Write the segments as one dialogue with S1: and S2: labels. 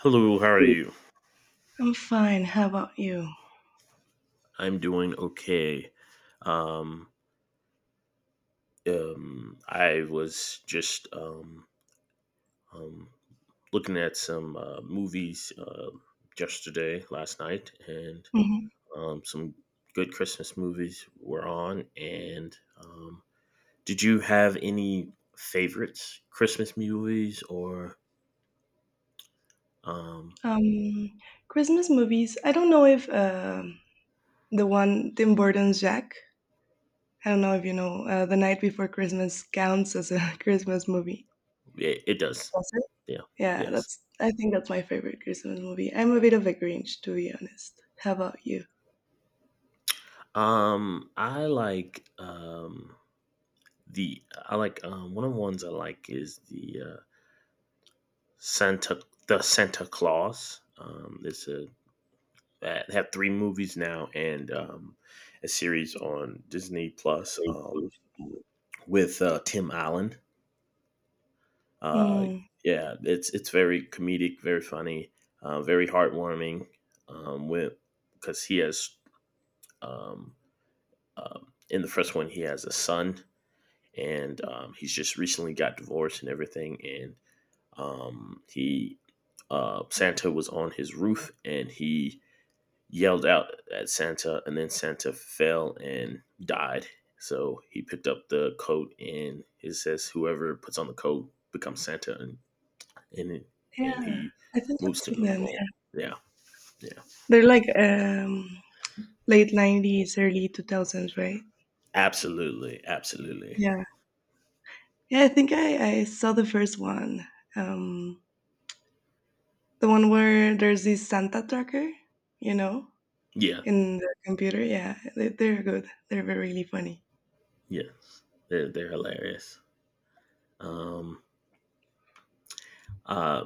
S1: Hello, how are you?
S2: I'm fine. How about you?
S1: I'm doing okay. Um, I was just um, looking at some movies yesterday, last night, and
S2: Mhm.
S1: some good Christmas movies were on. And um, did you have any favorites, Christmas movies, or um,
S2: Um, Christmas movies. I don't know if the one Tim Burton's Jack. I don't know if you know The Night Before Christmas counts as a Christmas movie.
S1: it does?
S2: Does it?
S1: Yeah.
S2: Yeah,
S1: Yes.
S2: that's. I think that's my favorite Christmas movie. I'm a bit of a Grinch, to be honest. How about you?
S1: I like The I like one of the ones I like is the Santa Claus. It's a they have three movies now and a series on Disney Plus with Tim Allen. Uh,
S2: Mm,
S1: yeah, it's very comedic, very funny, very heartwarming. With because he has um, in the first one he has a son and he's just recently got divorced and everything and he Santa was on his roof and he yelled out at Santa, and then Santa fell and died. So he picked up the coat, and it says whoever puts on the coat becomes Santa, and and, and
S2: yeah,
S1: he
S2: I think I've
S1: moves to
S2: seen
S1: another
S2: them.
S1: ball.
S2: Yeah.
S1: Yeah, yeah,
S2: They're like late '90s, early 2000s, right?
S1: absolutely, absolutely.
S2: Yeah. Yeah, I think I saw the first one. Um, the one where there's this Santa tracker, you know,
S1: Yeah,
S2: in the computer. Yeah, they're good. They're very, really funny.
S1: yeah, they're hilarious. Um, uh,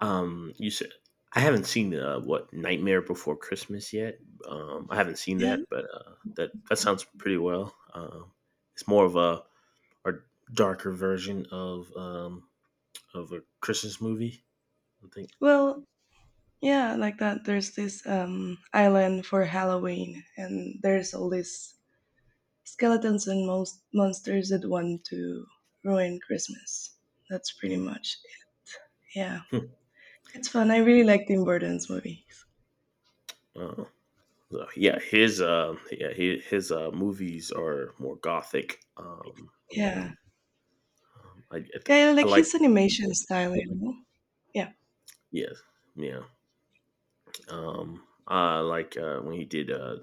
S1: You said I haven't seen what Nightmare Before Christmas yet. I haven't seen
S2: Yeah.
S1: that, but that sounds pretty well. It's more of a darker version of a Christmas movie, I think.
S2: Well, yeah, like that. There's this island for Halloween, and there's all these skeletons and most monsters that want to ruin Christmas. That's pretty
S1: Hmm.
S2: much. it. Yeah,
S1: Hmm.
S2: it's fun. I really like Tim Burton's movie.
S1: Uh, so, yeah, his yeah his movies are more gothic.
S2: Yeah,
S1: Um, I, I th-
S2: yeah, I
S1: I
S2: like
S1: like
S2: his animation style. You know? Yeah.
S1: yeah yeah. I like when he did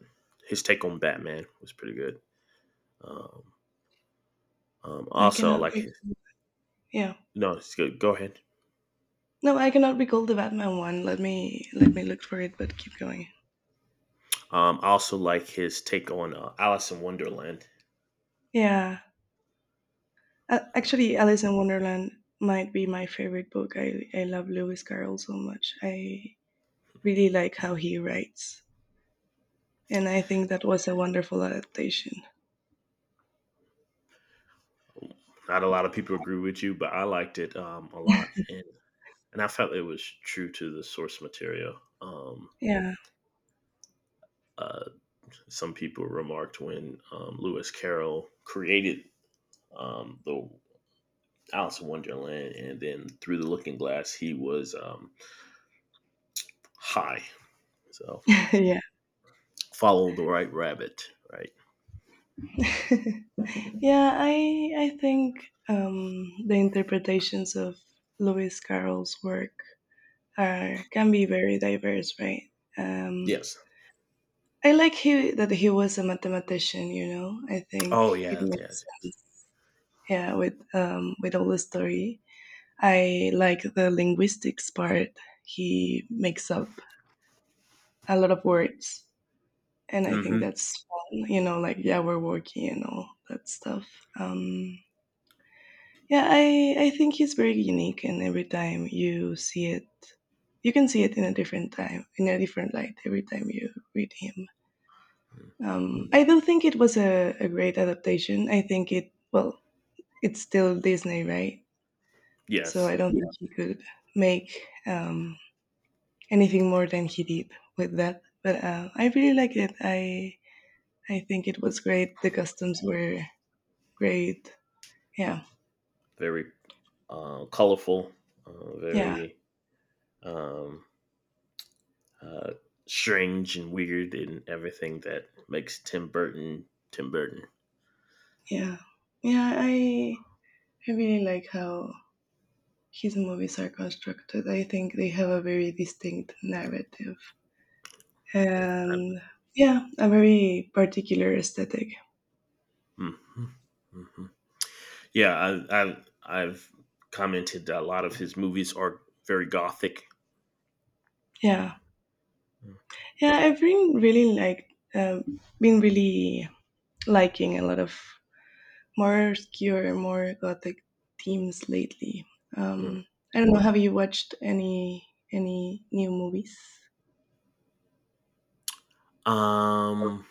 S1: his take on Batman was pretty good. Um,
S2: I
S1: also, I
S2: cannot
S1: like
S2: re-
S1: his,
S2: Yeah.
S1: no, it's good. Go ahead.
S2: No, I cannot recall the Batman one. Let me look for it, but keep going.
S1: I also like his take on Alice in Wonderland.
S2: Yeah.
S1: Uh,
S2: Actually, Alice in Wonderland might be my favorite book. I love Lewis Carroll so much. I really like how he writes, and I think that was a wonderful adaptation.
S1: not a lot of people agree with you, but I liked it a lot, and I felt it was true to the source material.
S2: Yeah.
S1: Uh, some people remarked when Lewis Carroll created the Alice in Wonderland, and then through the Looking Glass, he was high. So
S2: Yeah.
S1: follow the right rabbit, right?
S2: Yeah, I think the interpretations of Lewis Carroll's work are can be very diverse, right? Um,
S1: Yes.
S2: I like he that he was a mathematician. You know, I think
S1: Oh
S2: it
S1: yeah,
S2: makes
S1: yes, yes.
S2: sense. Yeah, with all the story, I like the linguistics part. He makes up a lot of words, and I think
S1: Mm-hmm.
S2: that's fun. You know, like yeah, we're working and all that stuff. Um, yeah, I think he's very unique, and every time you see it, you can see it in a different time, in a different light. Every time you read him. I do think it was a great adaptation. I think it, well, it's still Disney, right? So
S1: Yes,
S2: I don't Yeah. think he could make um, anything more than he did with that. But I really like it. I think it was great. The customs were great. Yeah,
S1: very colorful,
S2: yeah,
S1: very um, uh, strange and weird, and everything that makes Tim Burton Tim Burton.
S2: yeah, yeah. I really like how his movies are constructed. I think they have a very distinct narrative
S1: I,
S2: and yeah, a very particular aesthetic.
S1: hmm hmm hmm. Yeah, I, I, I've commented that a lot of his movies are very gothic.
S2: Yeah. Yeah, I've been really like been really liking a lot of more obscure, more gothic themes lately.
S1: Mm.
S2: Um, I don't know. Have you watched any new movies?
S1: mm.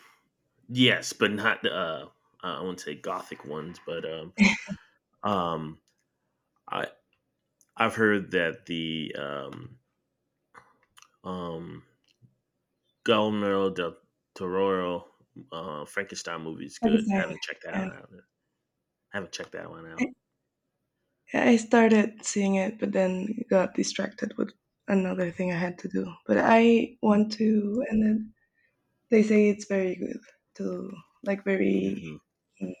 S1: Yes, but not I wouldn't say gothic ones, but um, I I've heard that the um, Guillermo del Toro Frankenstein movie is good. I
S2: Frankenstein.
S1: haven't checked that one out. I haven't checked that one
S2: Yeah,
S1: out.
S2: I started seeing it, but then got distracted with another thing I had to do. But I want
S1: Mm.
S2: to, and then they say it's very good to like very
S1: hmm
S2: mm,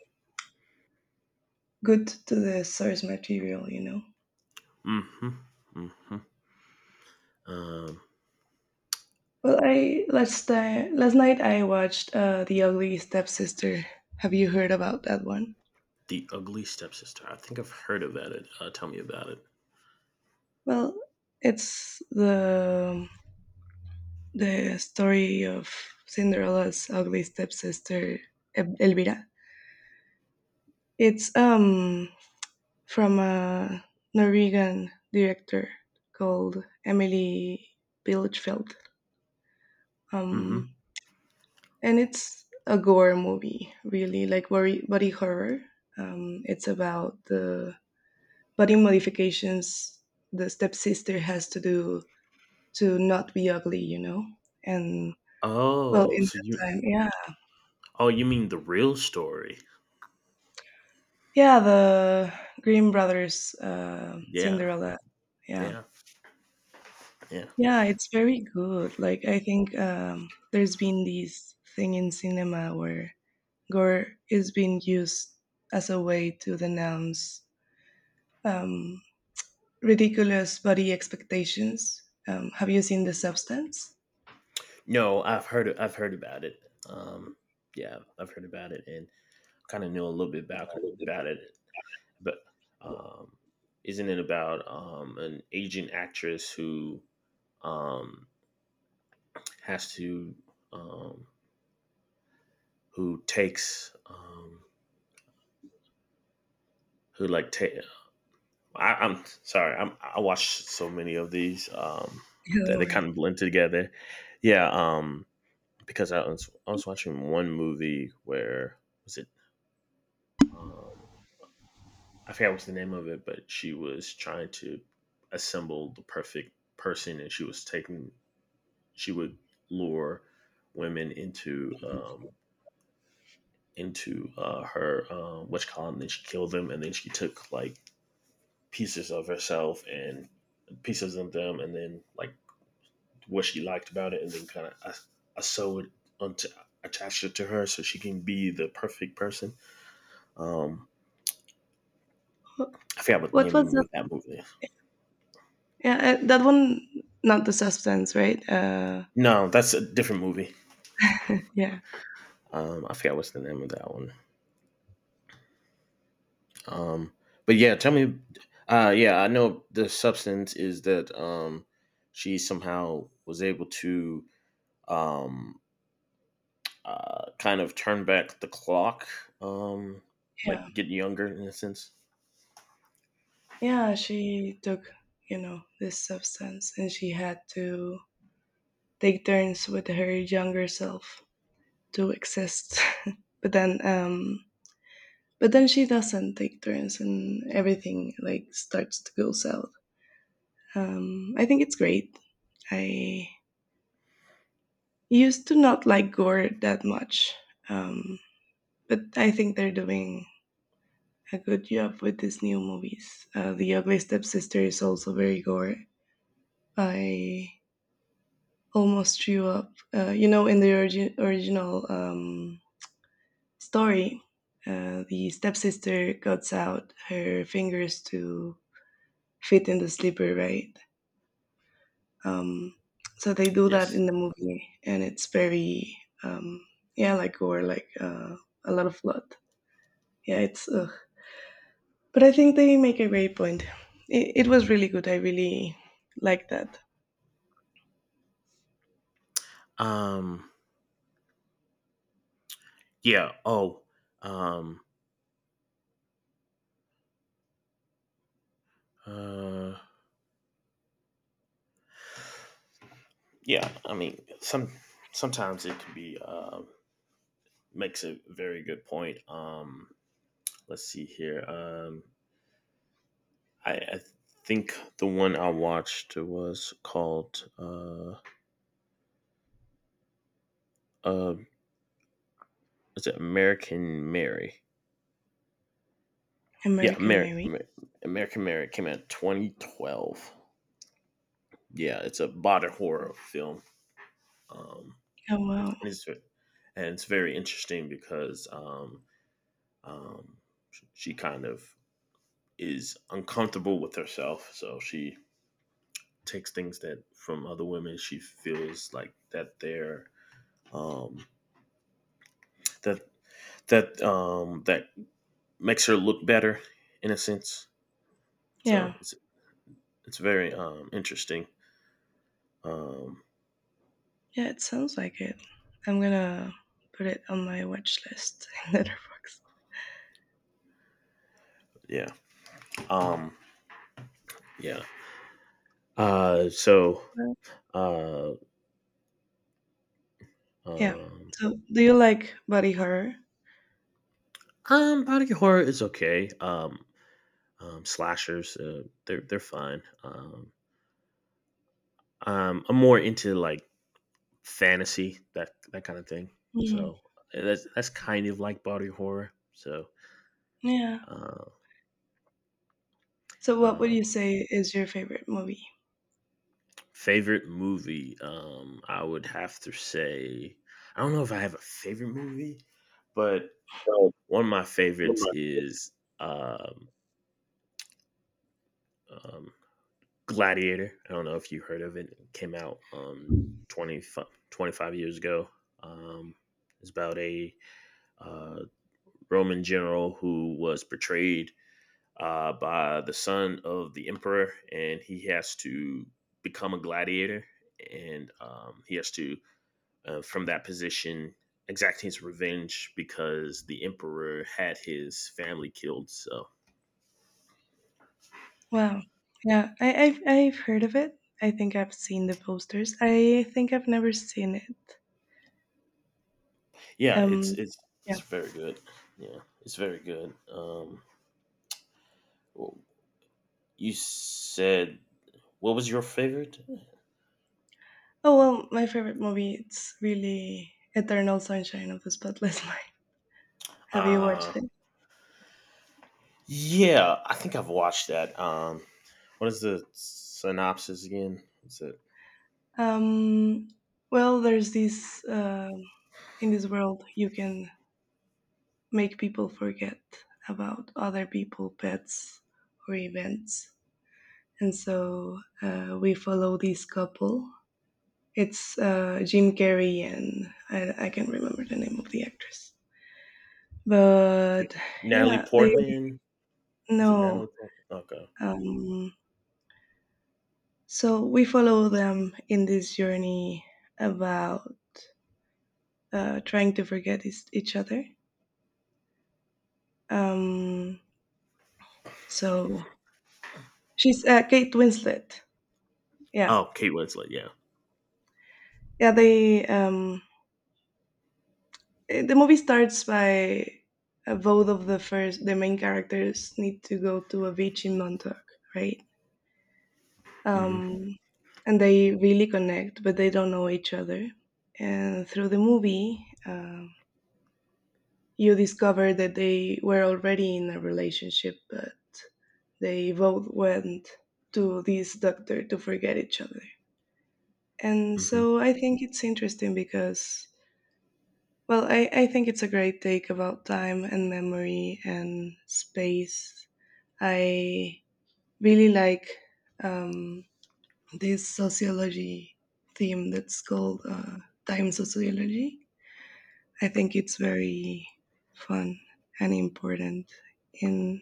S2: good to the source material, you know.
S1: Mm-hmm. Mm-hmm. Um,
S2: Well, I last time last night I watched The Ugly Stepsister. Have you heard about that one?
S1: the Ugly Stepsister. I think I've heard about it. Tell me about it.
S2: Well, it's the story of Cinderella's ugly stepsister Elvira. It's from a Norwegian director called Emily Bilchfeld. Um,
S1: Mm-hmm.
S2: and it's a gore movie, really like body horror. It's about the body modifications the stepsister has to do to not be ugly, you know? And well,
S1: Oh,
S2: in
S1: so you?
S2: that time, yeah.
S1: Oh, you mean the real story?
S2: Yeah, the Grimm Brothers
S1: Yeah,
S2: Cinderella. Yeah.
S1: yeah, yeah.
S2: Yeah, it's very good. Like, I think there's been this thing in cinema where gore is being used as a way to denounce um, ridiculous body expectations. Have you seen the substance?
S1: No, I've heard. I've heard about it. Um, yeah, I've heard about it and kind of knew a little bit about it. But um, isn't it about an aging actress who um, has to um, who takes who like take? I'm sorry, I watched so many of these
S2: Yeah,
S1: that
S2: don't
S1: they kind
S2: worry.
S1: of blend together. Yeah, because I was watching one movie where was it? Um, I forget what's the name of it, but she was trying to assemble the perfect person, and she was taking she would lure women into her witch column. And then she killed them, and then she took like pieces of herself and pieces of them, and then like what she liked about it, and then kind of I sewed it onto attached it to her so she can be the perfect person. Um,
S2: Wh-
S1: I forgot what the
S2: What was
S1: name of
S2: that?
S1: that movie. Is.
S2: Yeah, that one, not the substance, right?
S1: No, that's a different movie.
S2: Yeah,
S1: I forgot what's the name of that one. Um, but yeah, tell me. Yeah, I know the substance is that she somehow was able to um, kind of turn back the clock, um,
S2: yeah,
S1: like get younger in a sense.
S2: yeah. She took, you know, this substance, and she had to take turns with her younger self to exist. but then, um, but then she doesn't take turns and everything like starts to go south. I think it's great. I used to not like gore that much. um, but I think they're doing a good job with these new movies. The ugly stepsister is also very gore. I almost threw up. You know, in the original story, the stepsister cuts out her fingers to fit in the slipper, right? Um, so they do that
S1: Yes.
S2: in the movie, and it's very um, yeah, like gore, like a lot of blood. Yeah, it's ugh. But I think they make a great point. It was really good. I really like that.
S1: Um, yeah. Oh. Um, uh, yeah. I mean, sometimes it can be makes a very good point. Let's see here. I think the one I watched was called uh is it American Mary? Yeah,
S2: American Mary.
S1: American Mary came out in 2012. Yeah, it's a body horror film. Um
S2: Oh wow,
S1: and it's very interesting because um she kind of is uncomfortable with herself, so she takes things that from other women she feels like that they're um that that makes her look better in a sense.
S2: yeah,
S1: So it's very interesting. Um,
S2: yeah. It sounds like it. I'm gonna put it on my watch list in Letterboxd.
S1: yeah. Um, yeah. Uh, so
S2: Well,
S1: uh,
S2: yeah.
S1: um,
S2: So, do you like body horror?
S1: body horror is okay. Slashers, they're fine. I'm more into like fantasy that that kind of thing.
S2: Mm,
S1: So that's kind of like body horror. So
S2: yeah.
S1: uh,
S2: So, what would you
S1: um,
S2: say is your favorite movie?
S1: favorite movie? I would have to say I don't know if I have a favorite movie, but one of my favorites is um, um, Gladiator. I don't know if you heard of it. It came out 20 25 years ago. Um, it's about a uh, Roman general who was portrayed by the son of the emperor, and he has to become a gladiator, and he has to from that position, exacting his revenge because the emperor had his family killed. So
S2: Wow. Yeah, I've heard of it. I think I've seen the posters. I think I've never seen it.
S1: yeah, it's
S2: Um,
S1: it's it's
S2: yeah.
S1: very good. Yeah, it's very good. Well, you said what was your favorite?
S2: Oh well, my favorite movie. It's really Eternal Sunshine of the Spotless Mind. Have you watched
S1: Uh,
S2: it?
S1: yeah, I think I've watched that. What is the synopsis again?
S2: Um, well, there's this in this world you can make people forget about other people, pets, or events, and so we follow this couple. It's Jim Carrey, and I can't remember the name of the actress.
S1: Is it
S2: But
S1: Natalie
S2: yeah, they
S1: Portman? Was it
S2: know.
S1: Natalie Portman? Okay.
S2: Um, so we follow them in this journey about trying to forget each other. Um, so she's Kate Winslet. Yeah,
S1: Oh, Kate Winslet. Yeah.
S2: yeah. The movie starts by both of the main characters need to go to a beach in Montauk, right?
S1: hmm
S2: um, and they really connect, but they don't know each other. And through the movie, you discover that they were already in a relationship, but they both went to this doctor to forget each other. And
S1: hmm
S2: so I think it's interesting because, well, I think it's a great take about time and memory and space. I really like um, this sociology theme that's called time sociology. I think it's very fun and important in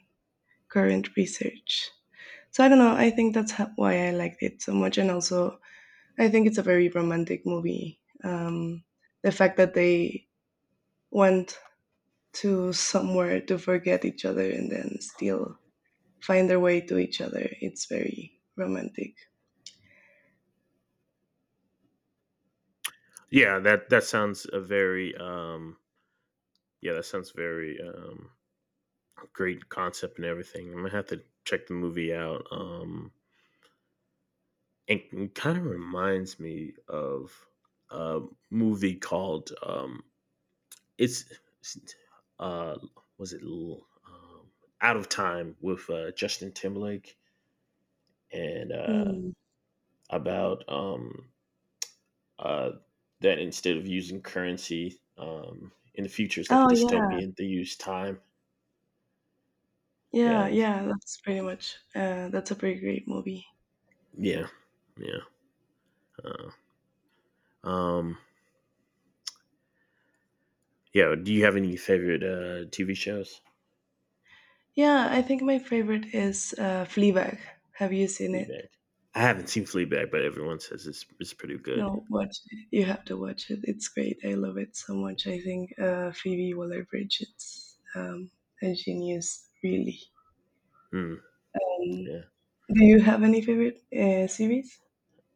S2: current research. So I don't know. I think that's why I liked it so much, and also I think it's a very romantic movie. The fact that they went to somewhere to forget each other and then still find their way to each other—it's very romantic.
S1: Yeah, that that sounds a very um Yeah, that sounds very great concept and everything. I'm gonna have to check the movie out. And kind of reminds me of a movie called it's it's, uh, was it L- Out of Time with Justin Timberlake and
S2: Hmm.
S1: about uh, that instead of using currency in the future, it's like a
S2: Oh yeah,
S1: dystopian. They use time.
S2: yeah,
S1: Yeah,
S2: yeah, that's pretty much. That's a pretty great movie.
S1: yeah, yeah. Uh, um, Yo, do you have any favorite TV shows?
S2: Yeah, I think my favorite is Fleabag. Have you seen it?
S1: Fleabag. I haven't seen Fleabag, but everyone says it's pretty good.
S2: No, watch it. You have to watch it. It's great. I love it so much. I think Phoebe Waller-Bridge It's a genius, really.
S1: Hmm.
S2: Um,
S1: Yeah.
S2: do you have any favorite series?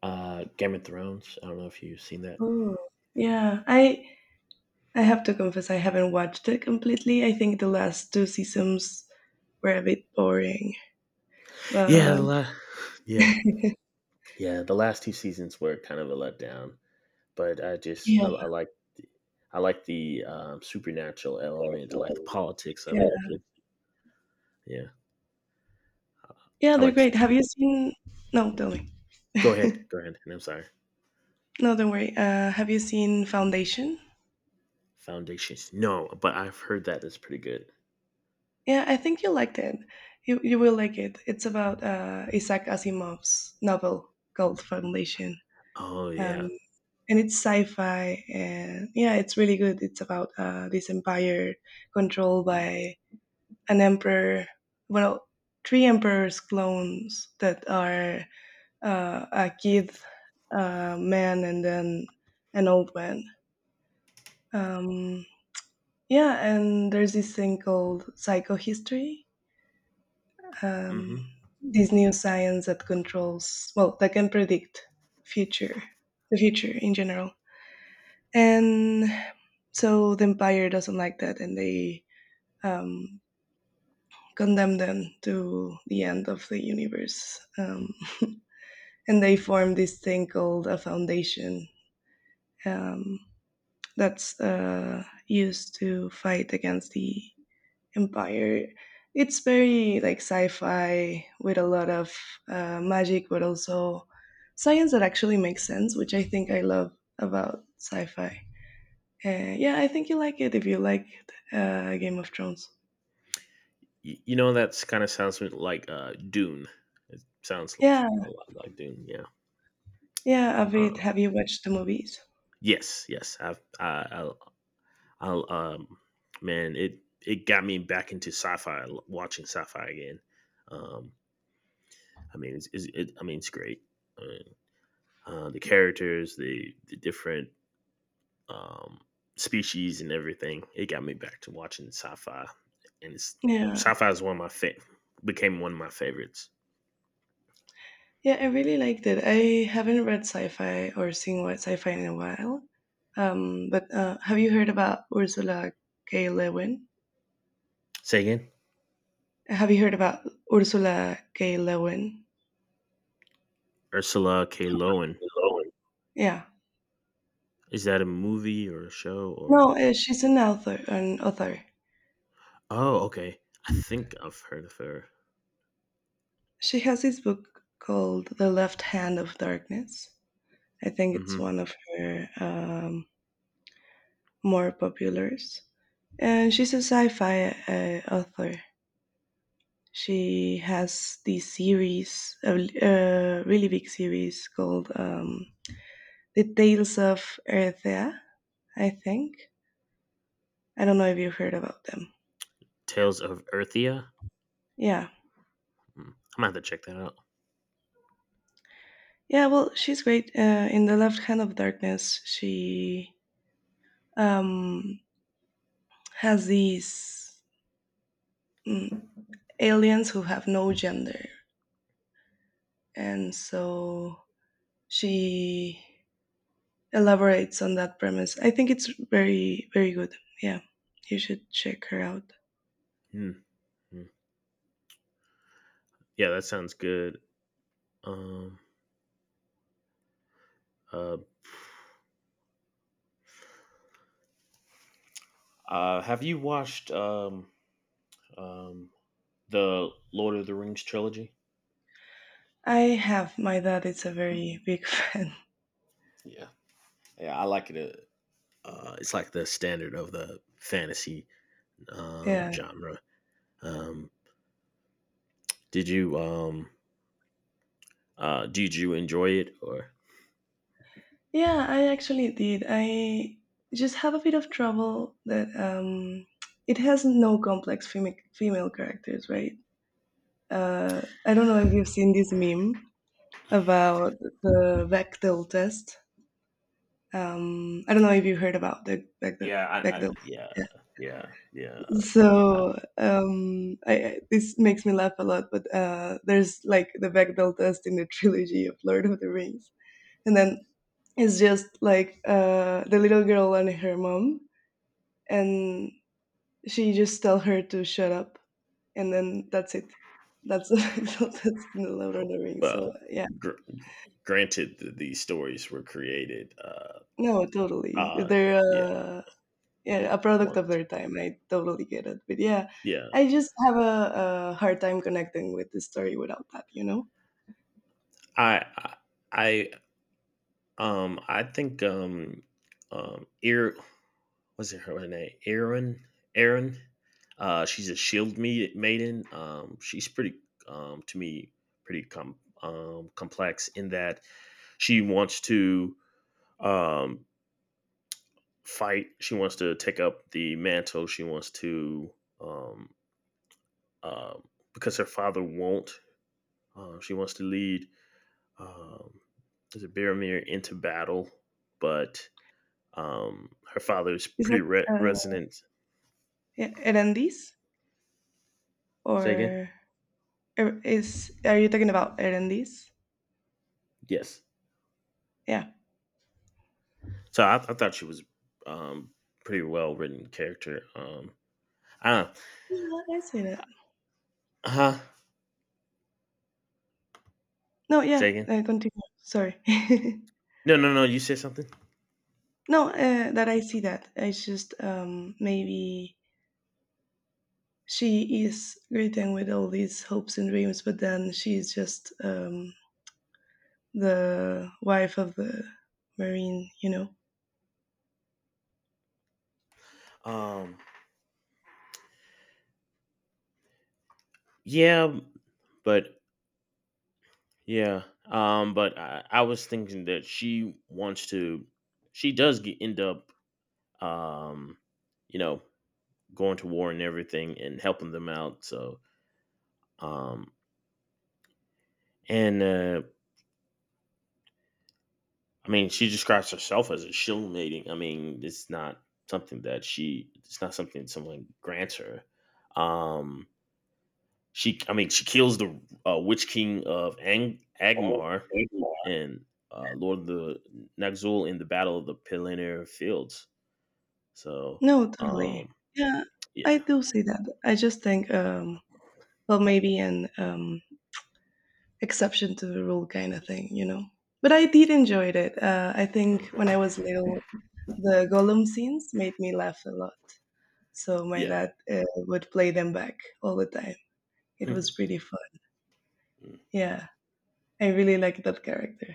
S1: Game of Thrones. I don't know if you've seen that.
S2: Oh, yeah. I have to confess, I haven't watched it completely. I think the last two seasons were a bit boring,
S1: Yeah.
S2: but
S1: Yeah. Yeah. The last two seasons were kind of a letdown, but
S2: yeah.
S1: I like the- I like the supernatural element. I like the politics of
S2: Yeah.
S1: it, and yeah,
S2: Yeah,
S1: I
S2: they're
S1: like. S-
S2: great. Have
S1: like,
S2: you seen? No, tell me.
S1: go ahead, go ahead. And I'm sorry,
S2: No, don't worry. Have you seen Foundation?
S1: foundations. No, but I've heard that is pretty good.
S2: Yeah, I think you'll like it. You will like it. It's about Isaac Asimov's novel called Foundation.
S1: Oh
S2: Um,
S1: yeah.
S2: and it's sci-fi, and yeah, it's really good. It's about this empire controlled by an emperor, well, three emperors' clones that are a kid, a man, and then an old man. Um, yeah, and there's this thing called psychohistory, um,
S1: Hmm.
S2: this new science that controls, well, that can predict future, the future in general. And so the empire doesn't like that, and they um, condemn them to the end of the universe. And they form this thing called a foundation um, that's used to fight against the empire. It's very like sci-fi with a lot of magic, but also science that actually makes sense, which I think I love about sci-fi. Yeah, I think you like it if you like Game of Thrones.
S1: You know that's kind of sounds like dune it sounds
S2: Yeah,
S1: a lot like dune yeah
S2: yeah, a
S1: uh,
S2: bit. Have you watched the movies?
S1: yes yes I'll I will man it got me back into sci-fi watching sci-fi again um I mean it's great. I mean, the characters the different um species and everything it got me back to watching sci-fi and it's
S2: Yeah,
S1: sci-fi is one of my became one of my favorites.
S2: yeah, I really liked it. I haven't read sci-fi or seen what sci-fi in a while. But have you heard about Ursula K. Le Guin?
S1: Say again.
S2: Have you heard about Ursula K. Le Guin?
S1: Ursula k lowen.
S2: Owen. Yeah.
S1: Is that a movie or a show or
S2: No, she's an author. An author.
S1: Oh, okay. I think I've heard of her.
S2: She has this book called The Left Hand of Darkness. I think it's
S1: Mhm.
S2: one of her more populars. And she's a sci-fi author. She has this series, a really big series called The Tales of Earthea, I think. I don't know if you've heard about them.
S1: Tales of Earthia?
S2: Yeah.
S1: Mm. I'm gonna have to check that out.
S2: Yeah, well, she's great. In The Left Hand of Darkness, she um, has these mm, aliens who have no gender. And so she elaborates on that premise. I think it's very, very good. Yeah, you should check her out.
S1: Hmm. Mm. Yeah, that sounds good. Um, uh, have you watched um, the Lord of the Rings trilogy?
S2: I have. My dad is a very big fan.
S1: Yeah, yeah, I like it. It's like the standard of the fantasy
S2: Yeah.
S1: genre. Um, did you um, did you enjoy it or?
S2: Yeah, I actually did. I just have a bit of trouble that it has no complex female characters, right? I don't know if you've seen this meme about the Bechdel test. I don't know if you heard about the Bechdel. Bechdel.
S1: Yeah,
S2: Yeah.
S1: yeah, yeah. I,
S2: So this makes me laugh a lot, but there's like the Bechdel test in the trilogy of Lord of the Rings, and then it's just like the little girl and her mom, and she just tell her to shut up, and then that's it. That's the Bechdel test in the Lord of the Rings.
S1: well,
S2: So yeah,
S1: gr- granted, these stories were created.
S2: no, totally.
S1: Uh
S2: They're
S1: yeah,
S2: yeah, a product of
S1: once.
S2: their time. I totally get it. But yeah,
S1: Yeah,
S2: I just have a hard time connecting with the story without that.
S1: I, I, I, I think, um, Ir, what's it her name? Erin. She's a maiden. She's pretty, to me, pretty complex in that she wants to, um fight. She wants to take up the mantle. She wants to, um, uh, because her father won't. She wants to lead. Um, is it Baromir into battle? But her father is
S2: Is that
S1: pretty
S2: uh,
S1: resonant.
S2: yeah, Erendis? Or
S1: Say again.
S2: is are you talking about Erendis?
S1: Yes.
S2: Yeah.
S1: So I thought she was um, pretty well written character. Uh
S2: Yeah, I see that.
S1: huh.
S2: No, yeah,
S1: Say again.
S2: continue. Sorry.
S1: No, no, no. You said something.
S2: No, that I see that. It's just maybe she is greeting with all these hopes and dreams, but then she's just the wife of the marine.
S1: Um, yeah, but Yeah. I was thinking that she wants to she does get, end up um, you know, going to war and everything and helping them out. So um and I mean she describes herself as a shill mating. I mean, it's not something that she it's not something someone grants her. Um she I mean she kills the witch king of Agmar and Lord of the Naxul in the Battle of the Pelennor Fields. So,
S2: No, totally.
S1: um,
S2: Yeah,
S1: yeah,
S2: I do see that. I just think, well, maybe an exception to the rule kind of thing. But I did enjoy it. I think
S1: okay.
S2: when I was little, the Gollum scenes made me laugh a lot. So my
S1: Yeah,
S2: dad would play them back all the time. It was pretty fun.
S1: mm,
S2: Yeah, I really like that character.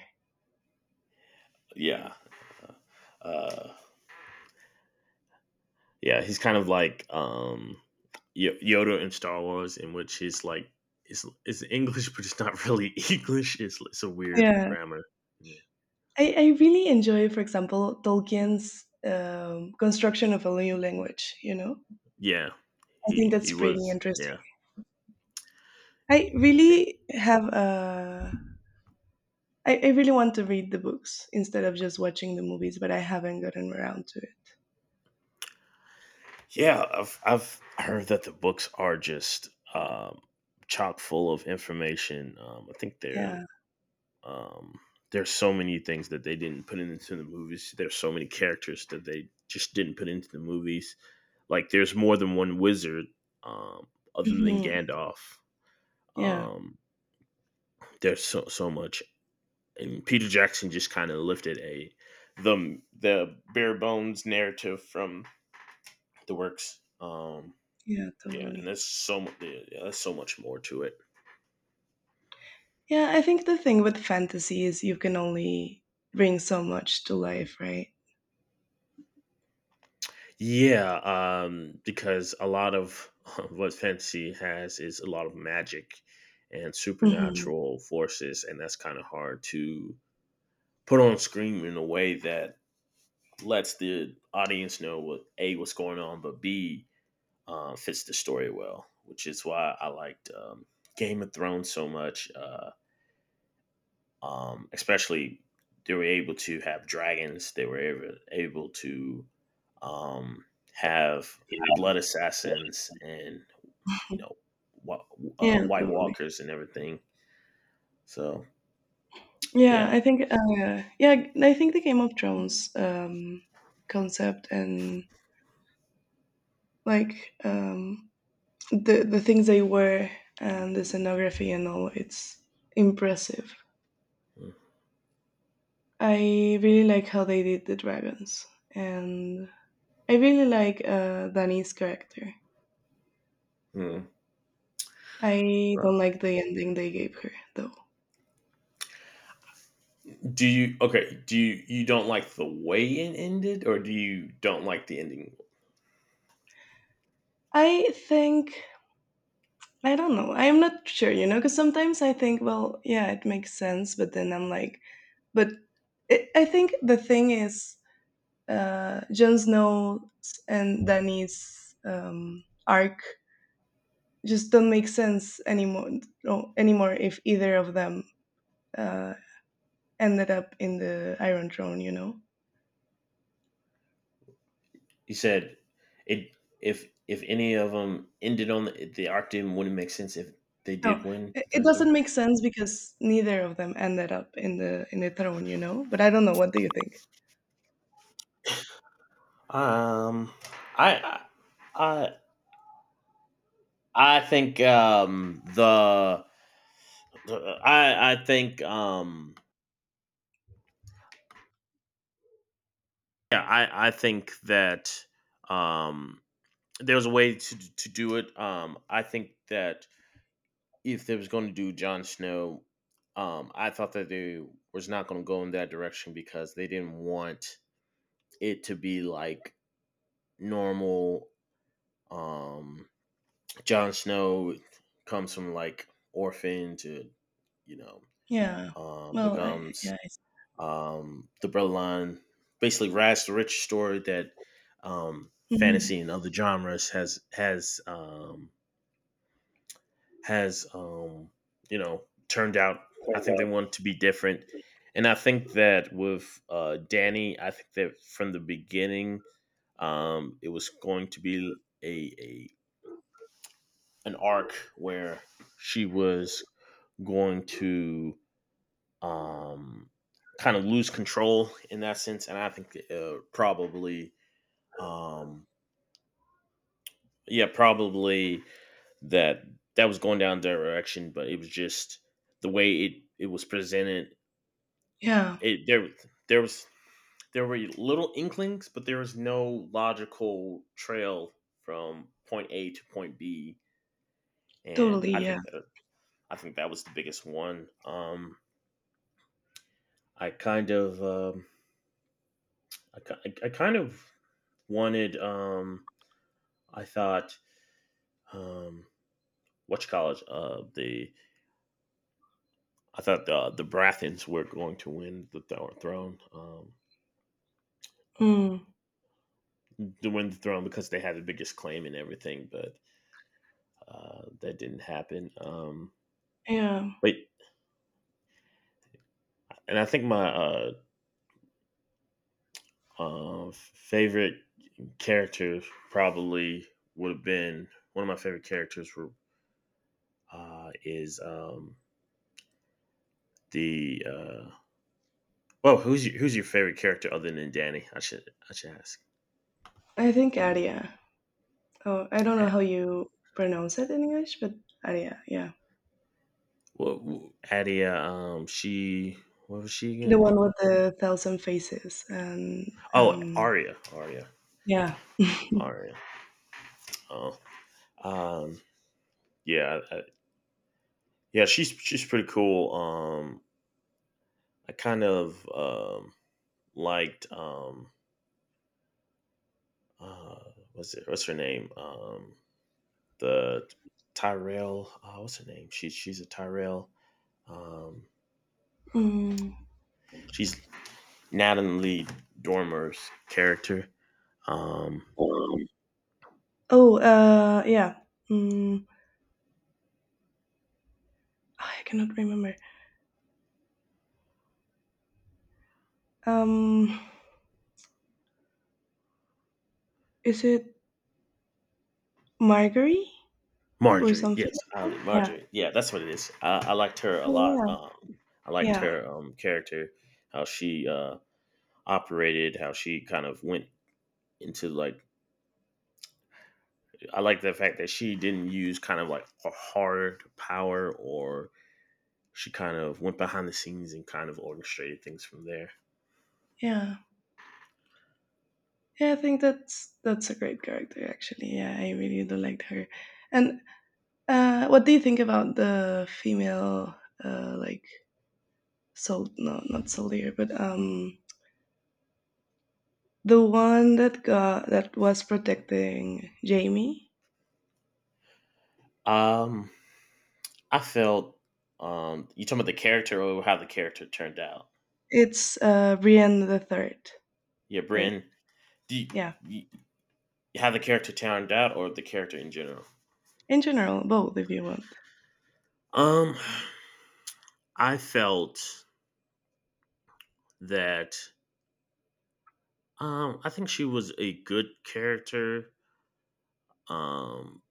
S1: yeah, uh, uh, yeah. He's kind of like Yoda in Star Wars, in which he's like it's English, but it's not really English. It's a weird
S2: Yeah,
S1: grammar. Yeah.
S2: I really enjoy, for example, Tolkien's construction of a new language. You know,
S1: Yeah.
S2: I think
S1: he he
S2: that's pretty
S1: was
S2: interesting.
S1: yeah.
S2: I
S1: yeah.
S2: really have really want to read the books instead of just watching the movies, but I haven't gotten around to it.
S1: Yeah, I've heard that the books are just chock full of information. I think they're
S2: Yeah,
S1: Um, there's so many things that they didn't put into the movies. There's so many characters that they just didn't put into the movies. Like there's more than one wizard um, other than
S2: hmm
S1: Gandalf.
S2: yeah,
S1: Um, there's so much, and Peter Jackson just kind of lifted a the bare bones narrative from the works.
S2: yeah,
S1: Yeah, and
S2: totally.
S1: there's yeah, there's so much more to it.
S2: Yeah, I think the thing with fantasy is you can only bring so much to life, right?
S1: Yeah, because a lot of what fantasy has is a lot of magic and
S2: Mhm.
S1: supernatural forces, and that's kind of hard to put on screen in a way that lets the audience know what A, what's going on, but B, fits the story well, which is why I liked Game of Thrones so much. Especially they were able to have dragons. They able to um, have blood assassins and you know wa-
S2: Yeah,
S1: White
S2: totally.
S1: Walkers and everything. So yeah.
S2: Yeah, I think the Game of Thrones concept and like the things they were and the scenography and all, it's impressive. I really like how they did the dragons and I really like Dani's character.
S1: Hmm.
S2: I
S1: Uh,
S2: don't like the ending they gave her though.
S1: Do you Do you don't like the way it ended, or do you don't like the ending?
S2: I think I don't know. I'm not sure, you know, because sometimes I think, well, yeah, it makes sense, but then I'm like, but it, I think the thing is, Jon Snow's and Danny's arc just don't make sense anymore. No, anymore if either of them uh, ended up in the Iron Throne, you know?
S1: You said it if any of them ended on the arc didn't wouldn't make sense if they did
S2: No,
S1: win
S2: it,
S1: the
S2: it
S1: third
S2: doesn't
S1: throne.
S2: make sense because neither of them ended up in the throne, you know? But I don't know. What do you think?
S1: Um, I, I, I think I think I think that um there's a way to do it. I think that if they was going to do Jon Snow, I thought that they was not going to go in that direction because they didn't want it to be like normal. Um, Jon Snow comes from like orphan to you know
S2: Yeah. Well, I,
S1: becomes
S2: yeah. I,
S1: the Berline, basically Rags to Riches story that
S2: mhm.
S1: fantasy and other genres has you know turned out. I think they want to be different, and I think that with Danny, I think that from the beginning, it was going to be a, an arc where she was going to um, kind of lose control in that sense. And I think um, yeah, probably that that was going down their direction, but it was just the way it was presented.
S2: Yeah.
S1: It there there was there were little inklings, but there was no logical trail from point A to point B, and
S2: Totally. Yeah.
S1: I think that was the biggest one. I kind of um, I kind of wanted I thought, um, which college? The I thought the Baratheons were going to win throne, uh,
S2: Mm.
S1: to win the throne because they had the biggest claim and everything, but that didn't happen.
S2: Yeah.
S1: But and I think my favorite characters probably would have been one of my favorite characters is the well, who's your favorite character other than Danny? I should ask.
S2: I think Aria. Oh, I don't know how you pronounce it in English, but Aria. Yeah.
S1: What Adia she, what was she
S2: The
S1: again?
S2: one with the thousand faces and
S1: Oh,
S2: um, yeah.
S1: Aria. Oh, um, yeah, yeah. She's pretty cool. I kind of liked uh what's her name, the Tyrell what's her name she's a Tyrell, um
S2: Mm.
S1: she's Natalie Dormer's character. um
S2: Oh, yeah. Mm, I cannot remember. Um, is it Margery or
S1: Marjorie,
S2: something?
S1: yes,
S2: Like
S1: Ali,
S2: that? Yeah.
S1: Marjorie, yeah, that's what it is. I liked her a
S2: Oh,
S1: lot.
S2: yeah.
S1: I liked
S2: Yeah.
S1: her character, how she operated, how she kind of went into like. I like the fact that she didn't use kind of like a hard power, or she kind of went behind the scenes and kind of orchestrated things from there.
S2: Yeah. Yeah. I think that's a great character actually. Yeah, I really do like her. And what do you think about the female like sold? No, not soldier, but the one that got that was protecting Jamie.
S1: Um, I felt you talking about the character or how the character turned out.
S2: It's Brienne the Third,
S1: Yeah,
S2: right?
S1: Bryn, do you,
S2: Yeah.
S1: you, how the character turned out, or the character in general?
S2: In general, both if you want.
S1: Um. I felt that I think she was a good character, um,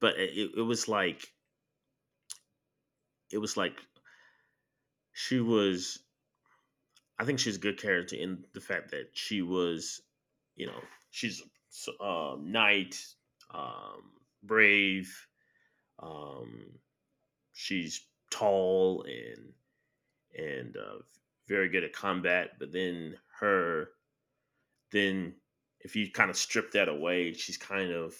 S1: but it, it it was like it was like she was. I think she's a good character in the fact that she was, you know, she's a knight, um, brave. Um, she's tall and and very good at combat. But then her then if you kind of strip that away, she's kind of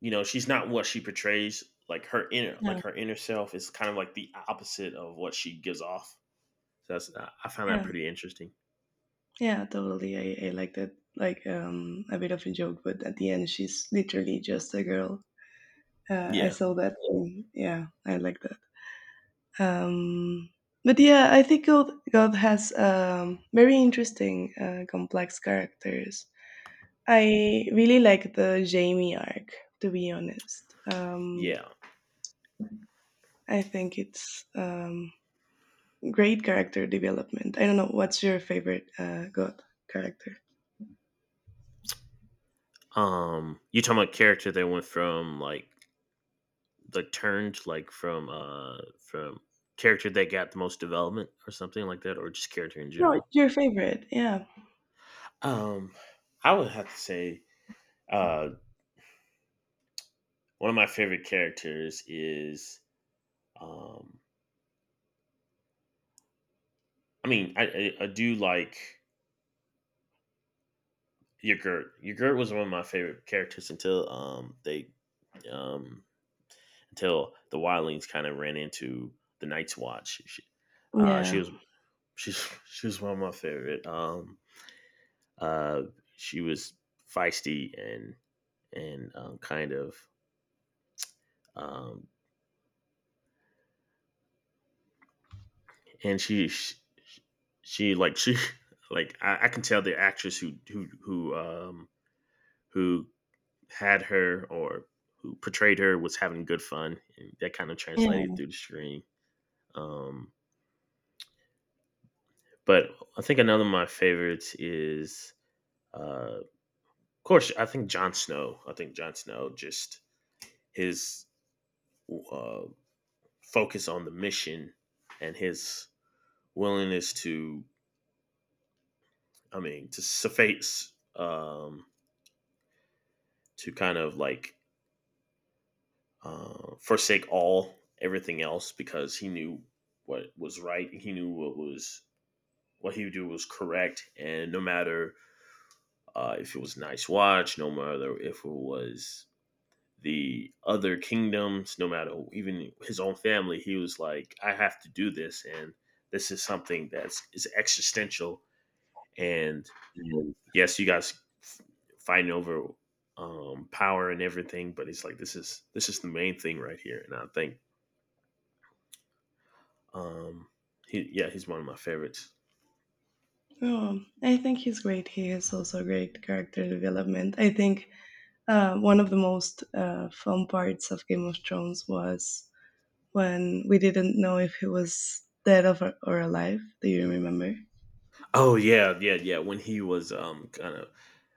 S1: you know she's not what she portrays, like her inner, like
S2: Yeah.
S1: her inner self is kind of like the opposite of what she gives off. So that's, I found that
S2: Yeah.
S1: pretty interesting.
S2: Yeah, totally. I like that. Like a bit of a joke, but at the end, she's literally just a girl. I
S1: yeah
S2: saw that. Thing. Yeah, I like that. Um, but yeah, I think God, God has very interesting, complex characters. I really like the Jamie arc, to be honest.
S1: yeah.
S2: I think it's great character development. I don't know. What's your favorite God character?
S1: You talking about character that went from like the turned like from character that got the most development or something like that, or just character in
S2: No,
S1: general?
S2: your favorite. Yeah.
S1: um I would have to say uh one of my favorite characters is um I do like Yogurt. Yogurt was one of my favorite characters until they um until the Wildlings kind of ran into the Night's Watch. She
S2: Yeah.
S1: was, she was one of my favorite. Uh, she was feisty and and um, kind of um, she, she like I can tell the actress who who had her or who portrayed her was having good fun, and that kind of translated
S2: Yeah.
S1: through the screen. Um, but I think another of my favorites is, of course, I think Jon Snow. I think Jon Snow just his uh, focus on the mission and his willingness to, I mean, to suffice, to kind of like forsake all everything else because he knew what was right. He knew what he would do was correct, and no matter if it was nice watch, no matter if it was the other kingdoms, no matter even his own family, he was like, I have to do this, and this is something that's is existential. And
S2: Mhm.
S1: yes, you guys fighting over power and everything, but it's like, this is the main thing right here. And I think, um, yeah, he's one of my favorites.
S2: Oh, I think he's great. He has also great character development. I think one of the most fun parts of Game of Thrones was when we didn't know if he was dead or alive. Do you remember?
S1: Oh yeah. When he was um, kind of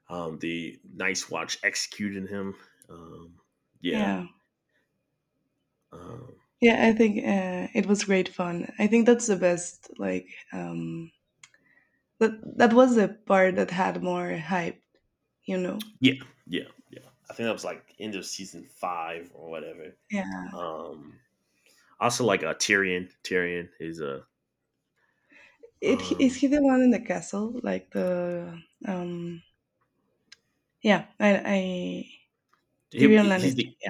S1: um, the Nice Watch executing him, um, yeah.
S2: Yeah,
S1: Um,
S2: yeah. I think it was great fun. I think that's the best. Like um, that that was the part that had more hype. You know?
S1: Yeah, yeah, yeah. I think that was like end of season five or whatever.
S2: Yeah.
S1: Um, Also like a Tyrion. Tyrion is a
S2: It is
S1: um,
S2: he the one in the castle? Like the um. Yeah, I to be online
S1: he's
S2: is
S1: the,
S2: yeah,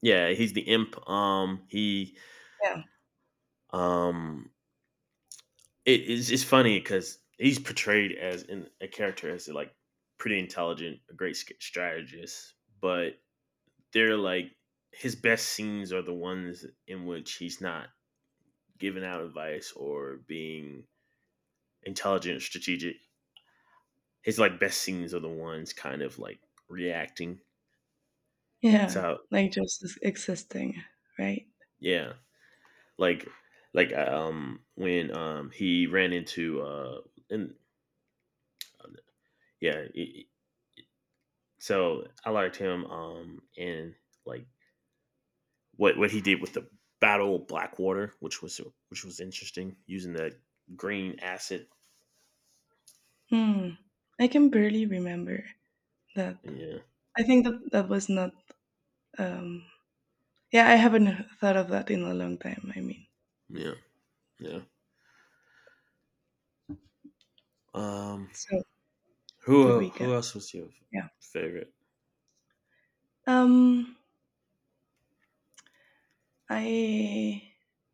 S1: yeah, he's the imp. He um, it is it's funny because he's portrayed as in a character as like pretty intelligent, a great strategist, but they're like his best scenes are the ones in which he's not giving out advice or being intelligent, strategic. His like best scenes are the ones kind of like reacting.
S2: yeah,
S1: It's
S2: yeah,
S1: how
S2: like just existing, right?
S1: Yeah, like when he ran into and yeah, so I liked him and like what he did with the Battle of Blackwater, which was interesting using that green acid.
S2: Hmm. I can barely remember that.
S1: Yeah,
S2: I think that that was not. Um, yeah, I haven't thought of that in a long time. I mean,
S1: yeah, yeah. Um,
S2: so to
S1: who
S2: recap,
S1: who else was your
S2: yeah.
S1: favorite?
S2: Um, I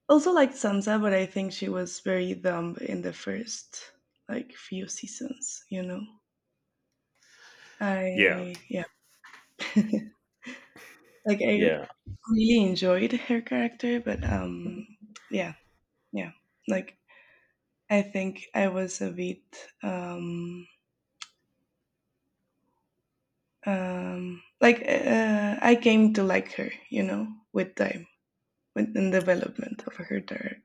S2: also liked Sansa, but I think she was very dumb in the first like few seasons. You know,
S1: Yeah,
S2: I yeah. Like I
S1: yeah.
S2: really enjoyed her character, but yeah, yeah. Like I think I was a bit um, like I came to like her, you know, with time, with in development of her character.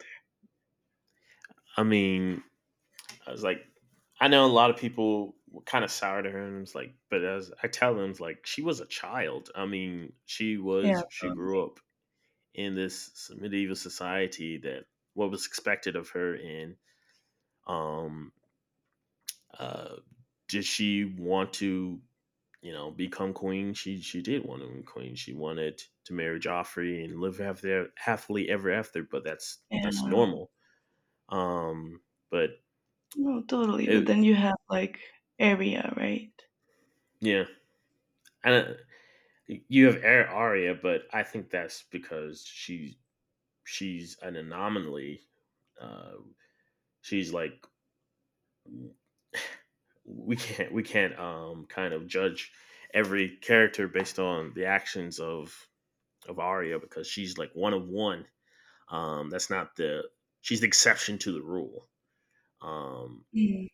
S1: I mean, I was like, I know a lot of people were kind of sour to her, and I was like, but as I tell them, it's like she was a child. I mean,
S2: Yeah,
S1: she grew
S2: totally.
S1: up in this medieval society that what was expected of her, and um, uh, did she want to, you know, become queen? She did want to be queen. She wanted to marry Joffrey and live after happily ever after. But that's
S2: Yeah,
S1: normal. Um, but
S2: no, totally. But
S1: it
S2: then you have like area, right?
S1: yeah, and you have Arya, but I think that's because she's an anomaly. Uh, she's like we can't kind of judge every character based on the actions of Arya because she's like one of one. That's not the she's the exception to the rule. Um,
S2: Mm,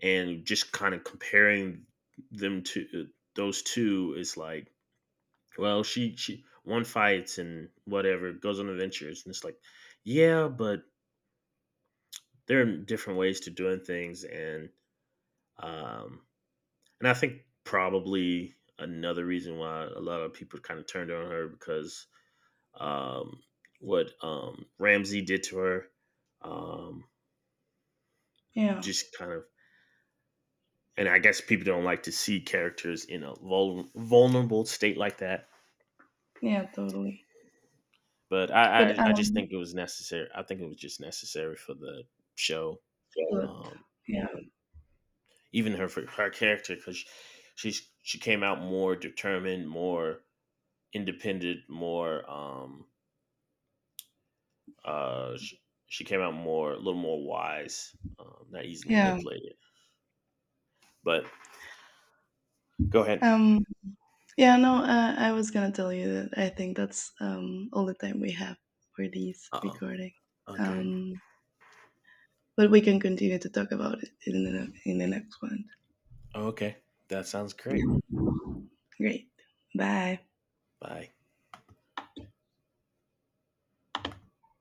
S1: and just kind of comparing them to those two is like, well, she one fights and whatever, goes on adventures, and it's like, yeah, but there are different ways to doing things, um, and I think probably another reason why a lot of people kind of turned on her because um, what Ramsey did to her, um,
S2: yeah,
S1: just kind of, and I guess people don't like to see characters in a vulnerable state like that.
S2: yeah, totally.
S1: But
S2: But
S1: I just think it was necessary. I think it was just necessary for the show.
S2: good.
S1: Um,
S2: Yeah,
S1: even her her character because she's she came out more determined, more independent, more uh she, she came out more a little more wise, not easy to
S2: yeah.
S1: manipulate. But go ahead.
S2: Um, yeah, no, I was gonna tell you that I think that's all the time we have for these
S1: Uh oh.
S2: recording.
S1: Okay.
S2: Um, but we can continue to talk about it in the next one.
S1: Okay. That sounds great.
S2: Great. Bye.
S1: Bye.